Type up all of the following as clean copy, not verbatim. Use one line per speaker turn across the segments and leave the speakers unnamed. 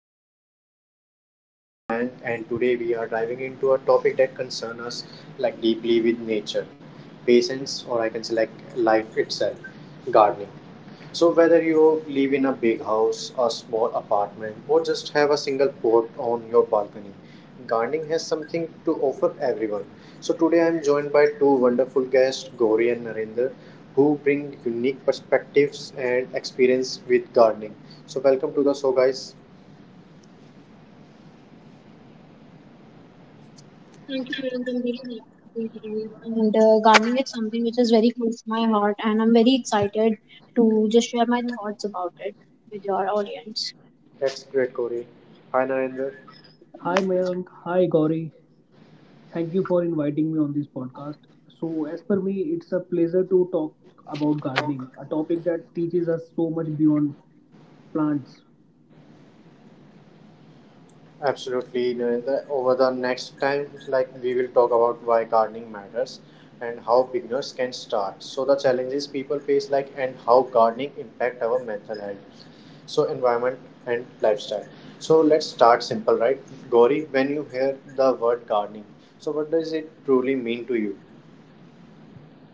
Riverside. So I'm your host Mayank and today we are diving into a topic that concerns us like deeply with nature, patience, or I can say like life itself, gardening. So whether you live in a big house, a small apartment, or just have a single pot on your balcony, gardening has something to offer everyone. So today I am joined by two wonderful guests, Gauri and Narendra, who bring unique perspectives and experience with gardening. So welcome to the show, guys.
Thank you, Kiran, for being here. Thank And gardening is something which is very close to my heart, and I'm very excited to just share my thoughts about it with your audience.
That's great, Gauri. Hi, Narendra.
Hi Mayank, hi Gauri. Thank you for inviting me on this podcast. So, as per me, it's a pleasure to talk about gardening, a topic that teaches us so much beyond plants.
Absolutely. No, Over the next time, like we will talk about why gardening matters and how beginners can start. So the challenges people face, like and how gardening impact our mental health, so environment and lifestyle. So let's start simple, right? Gauri, when you hear the word gardening, so what does it truly mean to you?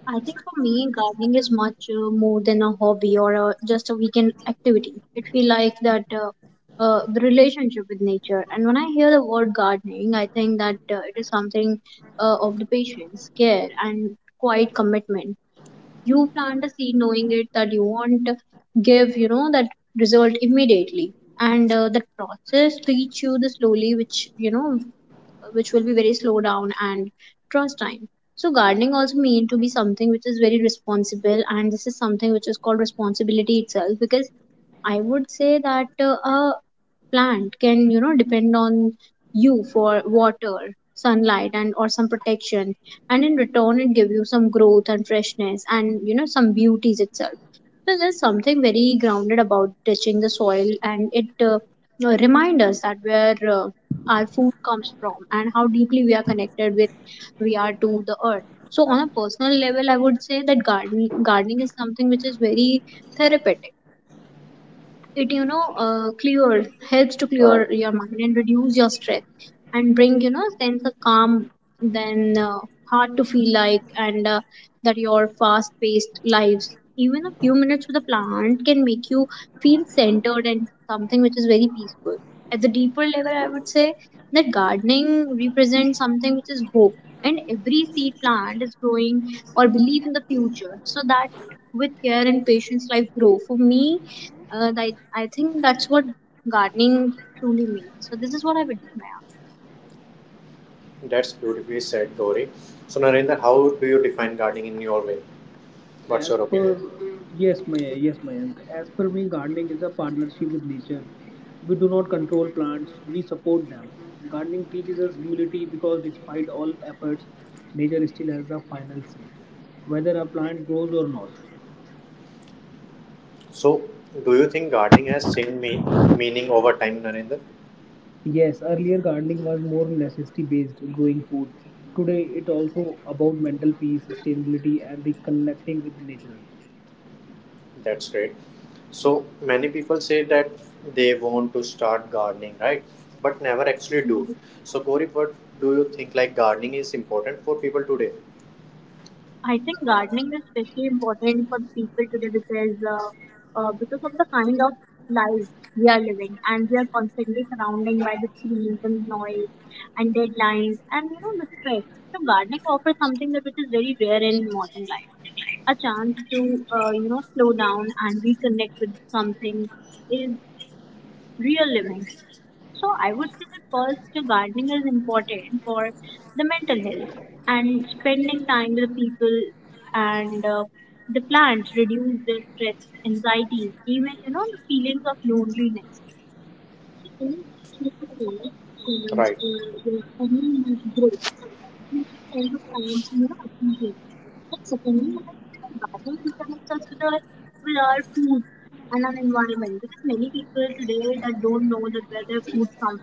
I think for me, gardening is much more than a hobby or a, just a weekend activity. It feels like that the relationship with nature. And when I hear the word gardening, I think that it is something of the patience, care, and quiet commitment. You plant a seed knowing it that you won't give that result immediately, and that process teach you the slowly, which which will be very slow down and trust time. So gardening also mean to be something which is very responsible, and this is something which is called responsibility itself, because I would say that a plant can depend on you for water, sunlight, and or some protection, and in return it give you some growth and freshness and some beauties itself. So there's something very grounded about touching the soil, and it remind us that where our food comes from and how deeply we are connected with we are to the earth. So on a personal level, I would say that gardening is something which is very therapeutic. It clears helps to
All right,
clear your mind and reduce your stress and bring sense of calm. Then hard to feel like, and that your fast paced lives, even a few minutes with a plant can make you feel centered and something which is very peaceful. At the deeper level, I would say that gardening represents something which is hope, and every seed plant is growing or belief in the future, so that with care and patience life grow for me. I think that's what gardening truly means. So this is what I would do, Maya.
that's beautifully said, Gauri. So Narendra, how do you define gardening in your way? What's
As
your opinion?
per yes, May yes Mayank, as per me, gardening is a partnership with nature. We do not control plants; we support them. Gardening teaches us humility because, despite all efforts, nature still has the final say, whether a plant grows or not.
So, do you think gardening has meaning over time, Narendra?
Yes, earlier gardening was more necessity based, growing food. Today, it also about mental peace, sustainability, and reconnecting with nature.
That's great. So, many people say that they want to start gardening, right? But never actually do. So, Gauri, what do you think, gardening is important for people today?
I think gardening is especially important for people today because of the kind of life we are living, and we are constantly surrounded by the screens and noise and deadlines and the stress. So gardening offers something that which is very rare in modern life. A chance to slow down and reconnect with something is real living. So I would say that first, gardening is important for the mental health and spending time with people, and the plants reduce the stress, anxiety, even the feelings of loneliness. So when you look at the plants,
Right,
your family is grow, create sense of times and appealing. But secondly, I think that gardening reconnects us with our food and our environment, because many people today that don't know that where their food comes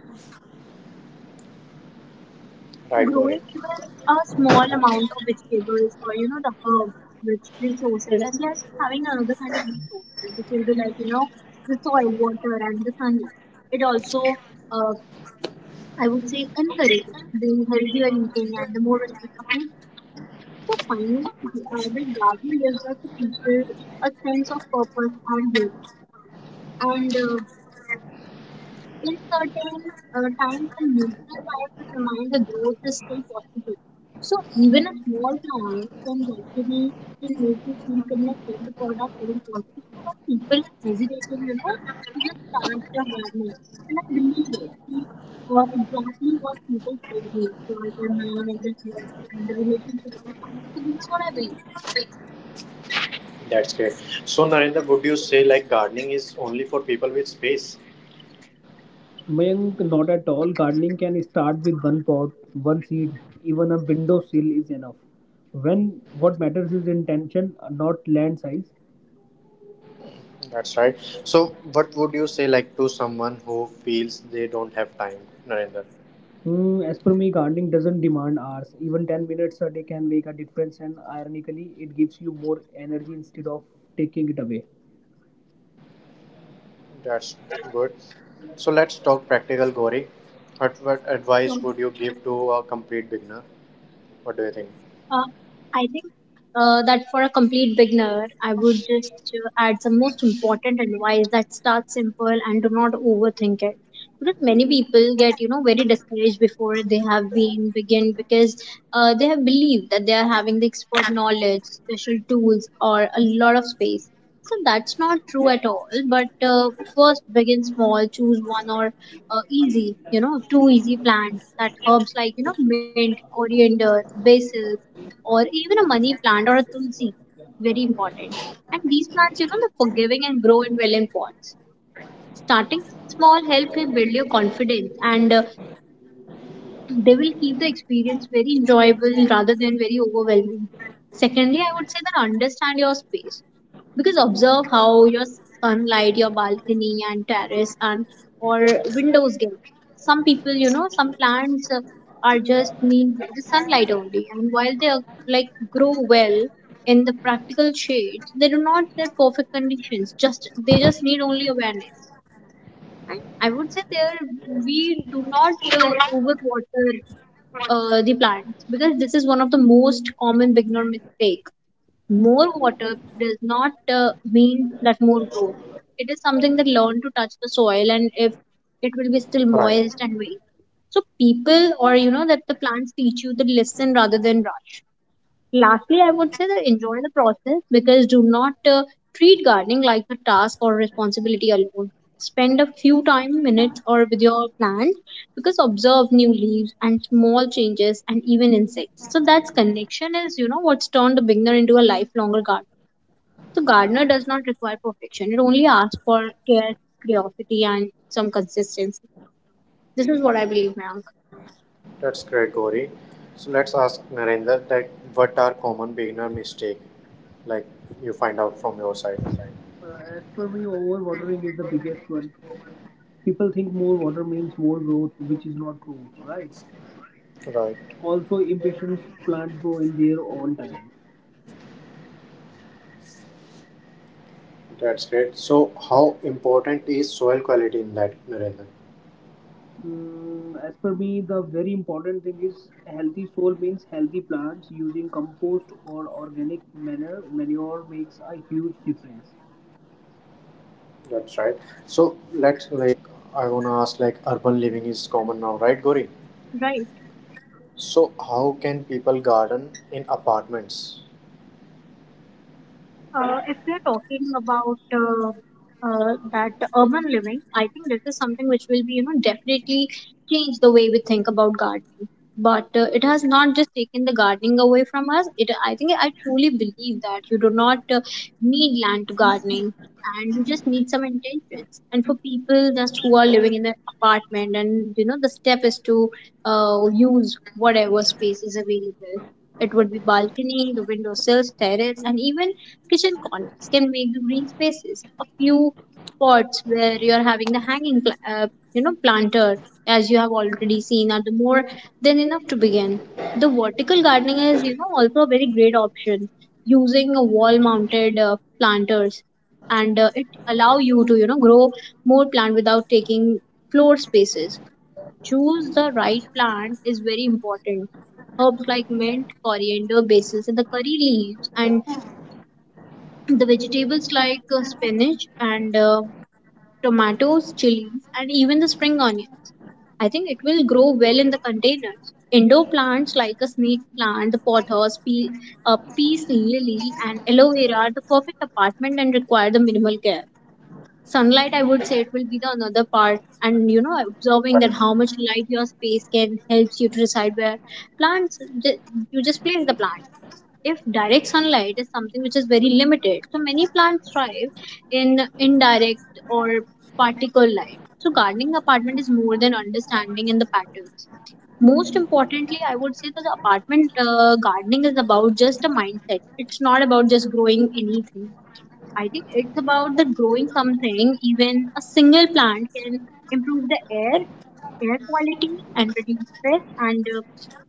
right, Gauri.
growing, even a small amount of vegetables or the herb, which resources, and then having another kind of resources which will be like the soil, water, and the sunlight. It also uh, I would say encourage the healthier eating and the more respect of nature. So finally the garden gives us the people a sense of purpose and hope, and in certain times and neutral types to remind the growth is still possible. So even a small client can actually can make you feel connected to the product or the quality. So when people are hesitating, to just start their gardening. And I believe it. See, or exactly what people say to me for their man and their health and the relationship with the client. So this is what I believe.
That's great. So, Narendra, would you say like gardening is only for people with space?
Mayank, not at all. Gardening can start with one pot, one seed, even a windowsill is enough. When what matters is intention, not land size.
That's right. So, what would you say like to someone who feels they don't have time, Narendra?
Hmm, as per me, gardening doesn't demand hours. Even 10 minutes a day can make a difference, and ironically, it gives you more energy instead of taking it away.
That's good. So let's talk practical, Gauri. What
Sure.
advice would you give to a complete beginner? What do you think?
Uh, I think that for a complete beginner, I would just add some most important advice that start simple and do not overthink it. Because many people get, very discouraged before they have been begin, because they have believed that they are having the expert knowledge, special tools, or a lot of space. So that's not true at all. But first, begin small. Choose one or easy, two easy plants that herbs like mint, coriander, basil, or even a money plant or a tulsi. Very important. And these plants, they're forgiving and grow in well in pots. Starting small helps you build your confidence, and they will keep the experience very enjoyable rather than very overwhelming. Secondly, I would say that understand your space, because observe how your sunlight, your balcony, and terrace and or windows get. Some people, some plants are just need the sunlight only, and while they are, like grow well in the practical shades, they do not get perfect conditions. Just they just need only awareness. And I would say there we do not overwater the plants, because this is one of the most common beginner mistake. More water does not mean that more growth. It is something that learn to touch the soil, and if it will be still
Right.
moist and wet. So people or that the plants teach you that listen rather than rush. Lastly, I would say that enjoy the process, because do not treat gardening like a task or responsibility alone. Spend a few time minutes or with your plants, because observe new leaves and small changes and even insects. So that's connection is what's turned a beginner into a lifelonger gardener. So gardener does not require perfection. It only asks for care, curiosity, and some consistency. This is what I believe, Mayank.
That's great, Gauri. So let's ask Narendra that what are common beginner mistake, like you find out from your side.
As per me, overwatering is the biggest one. People think more water means more growth, which is not true, right?
Right.
Also, impatience plants grow in their own time.
That's great. So how important is soil quality in that, Narendra?
Mm, as per me, the very important thing is healthy soil means healthy plants using compost or organic manure. Manure makes a huge difference.
That's right. So let's like I wanna ask like urban living is common now, right, Gauri?
Right.
So how can people garden in apartments?
If we are talking about that urban living, I think this is something which will be, definitely change the way we think about gardening. But it has not just taken the gardening away from us. It, I think, I truly believe that you do not need land to gardening, and you just need some intentions. And for people just who are living in the apartment, and the step is to use whatever space is available. It would be balcony, the windowsills, terrace, and even kitchen corners can make the green spaces. A few pots where you're having the hanging, planter, as you have already seen, are the more than enough to begin. The vertical gardening is, also a very great option, using a wall-mounted planters, and it allow you to, grow more plant without taking floor spaces. Choose the right plant is very important. Herbs like mint, coriander, basil, and the curry leaves, and the vegetables like spinach and tomatoes, chilies, and even the spring onion. I think it will grow well in the containers. Indoor plants like a snake plant, the pothos, peace lily, and aloe vera are the perfect apartment and require the minimal care. Sunlight, I would say, it will be the another part, and observing that how
Right.
much light your space can helps you to decide where plants. ju- You just place the plant if direct sunlight is something which is very limited, so many plants thrive in indirect or particle light. So gardening apartment is more than understanding in the patterns. Most importantly, I would say that the apartment gardening is about just a mindset. It's not about just growing anything. I think it's about the growing something. Even a single plant can improve the air quality and reduce stress and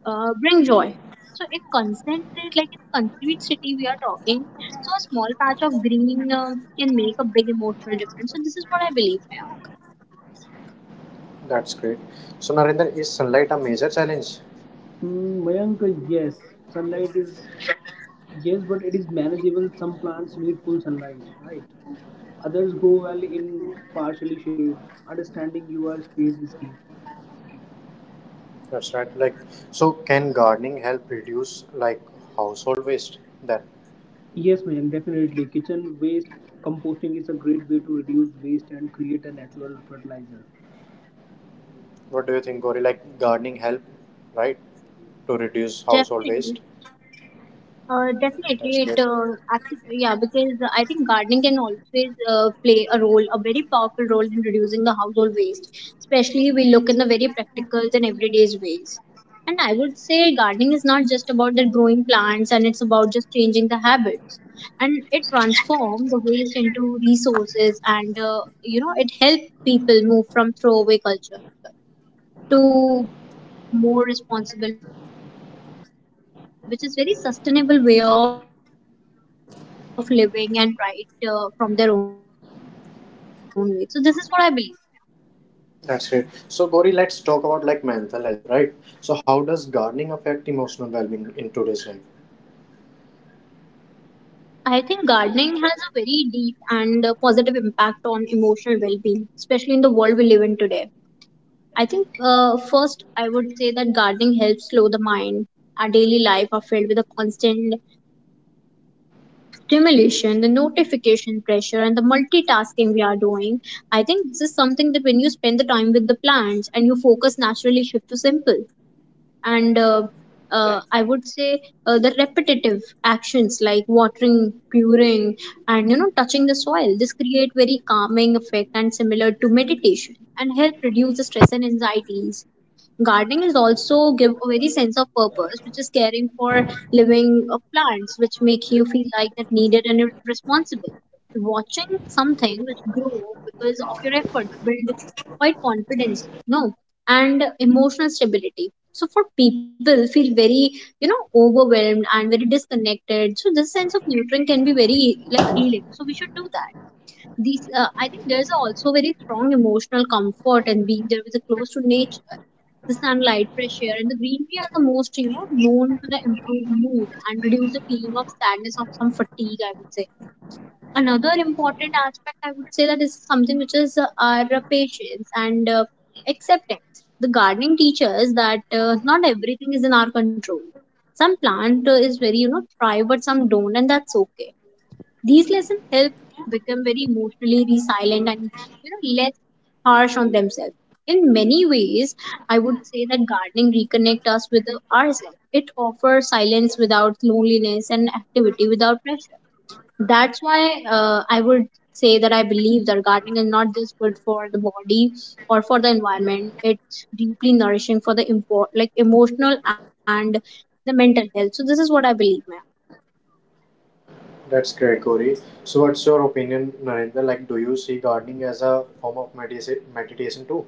bring joy. So it concentrates like a concrete city we are talking. So a small patch of green can make a big emotional difference. So this is what I believe. Yeah.
That's great. So, Narendra, is sunlight a major challenge?
Mm, Mayank, yes, sunlight is yes, but it is manageable. Some plants need full sunlight, right? Others grow well in partially shade. Understanding your space is key.
That's right. Like, so can gardening help reduce like household waste? Then,
Yes, man, definitely. Kitchen waste composting is a great way to reduce waste and create a natural fertilizer.
what do you think, Gauri? Like, gardening help, right, to reduce household waste?
Definitely.
That's
Definitely,
great.
it actually, yeah, because I think gardening can always play a role, a very powerful role in reducing the household waste. Especially, we look in the very practical and everyday's ways. And I would say gardening is not just about the growing plants, and it's about just changing the habits. And it transforms the waste into resources, and it helps people move from throwaway culture to more responsible, which is very sustainable way of living and right from their own way. So this is what I believe.
That's great. So, Gauri, let's talk about like mental health, right? So, how does
Right.
gardening affect emotional well-being in today's life?
I think gardening has a very deep and positive impact on emotional well-being, especially in the world we live in today. I think first I would say that gardening helps slow the mind. Our daily life are filled with a constant stimulation, the notification pressure, and the multitasking we are doing. I think this is something that when you spend the time with the plants and your focus naturally shift to simple and I would say the repetitive actions like watering curing and you know touching the soil this create very calming effect and similar to meditation and help reduce the stress and anxieties. Gardening is also give a very sense of purpose, which is caring for living plants, which make you feel like that needed and responsible. Watching something which grow because of your effort build quite confidence, no, and emotional stability. So for people feel very you know overwhelmed and very disconnected. So this sense of nurturing can be very like healing. So we should do that these I think there's also very strong emotional comfort and being there with the close to nature, the sunlight, fresh air, and the greenery are the most you know known to the improve mood and reduce the feeling of sadness of some fatigue, I would say. Another important aspect I would say, that is something which is our patience and acceptance. The gardening teaches that not everything is in our control. Some plant is very you know thrive but some don't and that's okay. These lessons help become very emotionally resilient and you know less harsh on themselves. In many ways, I would say that gardening reconnect us with ourselves. It offers silence without loneliness and activity without pressure. That's why I would say that I believe that gardening is not just good for the body or for the environment. It's deeply nourishing for the import like emotional and the mental health. So this is what I believe, man.
That's great, Gauri. So, what's your opinion, Narendra? Like, do you see gardening as a form of meditation too?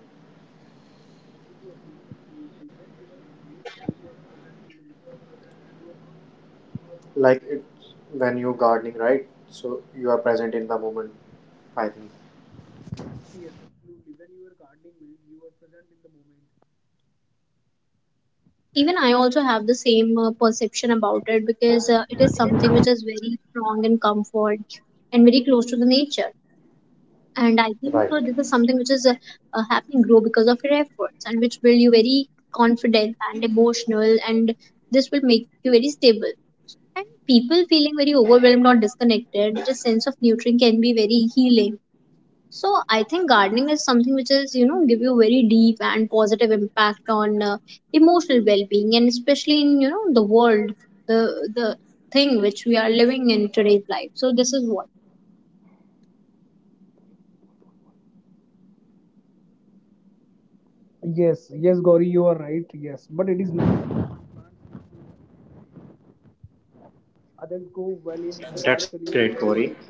Absolutely. When you are gardening, you are present in the moment. You are not thinking about
Like it,
stress and worry.
when you gardening, right? So you are present in the moment, I think.
Yes, absolutely. When you are gardening, man, you are present in the moment.
Even I also have the same perception about it because it is something which is very strong in comfort and very close to the nature, and I think
Right,
this is something which is happening grow because of your efforts, and which build you very confident and emotional, and this will make you very stable, and people feeling very overwhelmed or disconnected, the sense of nurturing can be very healing. So I think gardening is something which is, you know, give you very deep and positive impact on emotional well-being, and especially in you know the world, the thing which we are living in today's life. So this is what.
Yes, yes, Gauri, you are right. Yes, but it is not. Others go well in
that's
partially
great, Gauri.
shade.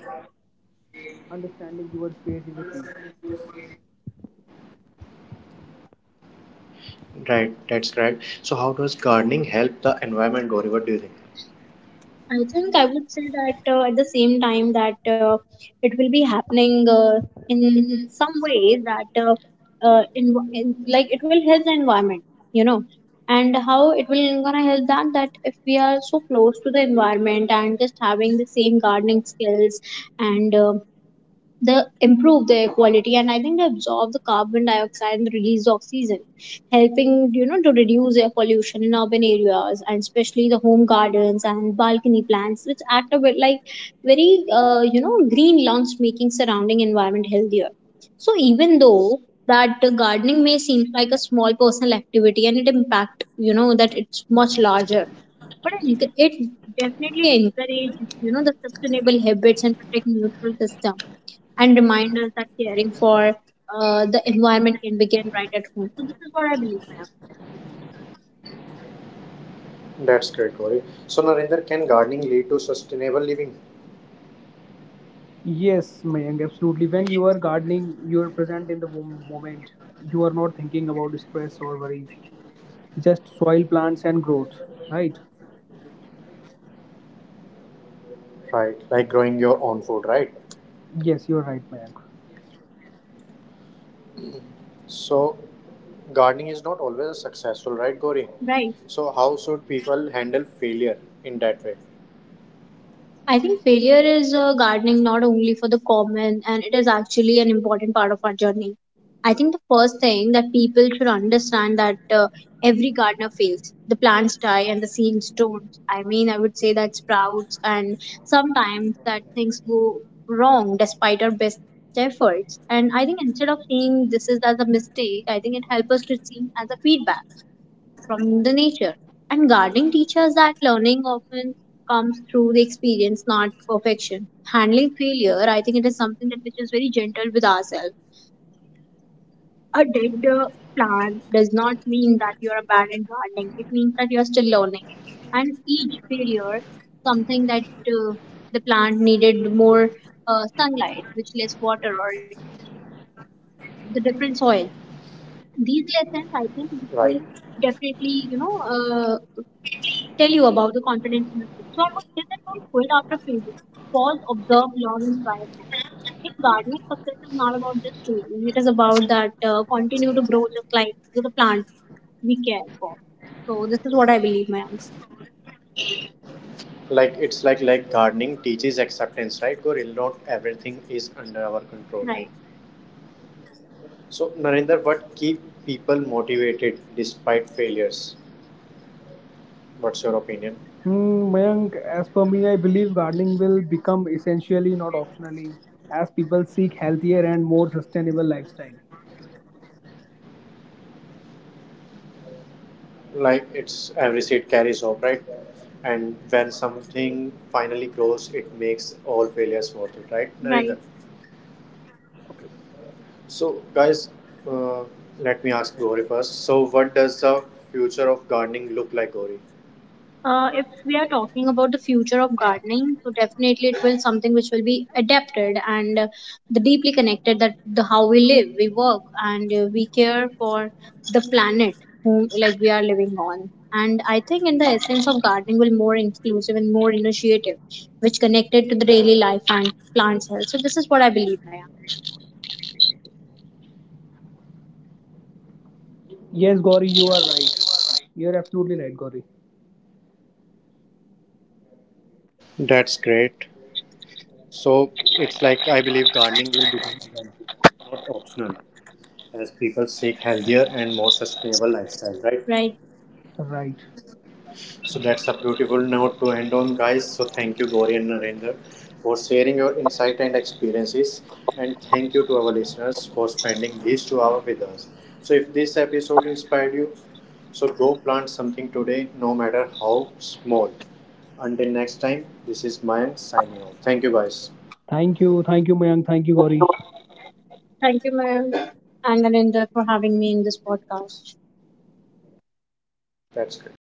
Understanding your space is a key.
Right, that's great. So how does gardening help the environment, Gauri? What do you think?
I think I would say that at the same time that it will be happening in some ways that in like it will help the environment, you know, and how it will gonna help that if we are so close to the environment and just having the same gardening skills and they improve their quality, and I think they absorb the carbon dioxide and the release of oxygen, helping you know to reduce air pollution in urban areas, and especially the home gardens and balcony plants which act a bit like very you know green lungs, making surrounding environment healthier. So even though that gardening may seem like a small personal activity, and it impact you know that it's much larger, but it definitely encourage you know the sustainable habits and protect neutral system, and remind us that caring for the environment can begin right at home. So this is what I believe, ma'am.
That's great, Gauri. So, Narendra, can gardening lead to sustainable living,
Yes, Mayank, absolutely. When you are gardening, you are present in the moment. You are not thinking about stress or worries. Just soil, plants, and growth, right?
right? Like growing your own food, right?
Yes, you are right, Mayank.
So gardening is not always successful, right, Gauri?
Right.
So how should people handle failure in that way?
I think failure is gardening not only for the common, and it is actually an important part of our journey. I think the first thing that people should understand that every gardener fails. The plants die and the seeds don't. I mean, I would say that sprouts and sometimes that things go wrong despite our best efforts. And I think instead of seeing this is as a mistake, I think it helps us to see as a feedback from the nature. And gardening teaches that learning often comes through the experience, not perfection. Handling failure, I think, it is something that which is very gentle with ourselves. A dead plant does not mean that you are a bad in gardening. It means that you are still learning. And each failure, something that uh, the plant needed more sunlight, which less water or the different soil. These lessons, I think, this
Right,
is definitely, you know, tell you about the confidence in the field. So I would say that don't quit after failure. Pause, observe, learn, and try again. In gardening, success is not about just failing. It is about that continue to grow just like the plant we care for. So this is what I believe, ma'am.
like it's like gardening teaches acceptance, right, Goril? Not everything is under our control.
Right,
So, Narinder, what keep people motivated despite failures? What's your opinion?
Hmm, Mayank, as per me, I believe gardening will become essentially, not optionally, as people seek healthier and more sustainable lifestyle.
Like it's every seed carries hope, right? And when something finally grows, it makes all failures worth it, right, Narinder?
right.
Okay.
So guys, uh, let me ask Gauri first. So, what does the future of gardening look like, Gauri?
If we are talking about the future of gardening, so definitely it will something which will be adapted and the deeply connected that the how we live, we work, and we care for the planet whom like we are living on. And I think in the essence of gardening will more inclusive and more initiative, which connected to the daily life and plants health. So this is what I believe, Maya.
Yes, Gauri, you are right. You are absolutely right, Gauri.
That's great. So it's like I believe gardening will become eventually not optional as people seek healthier and more sustainable lifestyle, right?
Right.
Right.
So that's a beautiful note to end on, guys. So thank you, Gauri and Narendra, for sharing your insight and experiences, and thank you to our listeners for spending these 2 hours with us. So if this episode inspired you, so go plant something today, no matter how small. Until next time, this is Mayank signing off. Thank you, guys.
Thank you, Mayank. Thank you, Gauri.
Thank you, Maya, and Narendra for having me in this podcast.
That's great.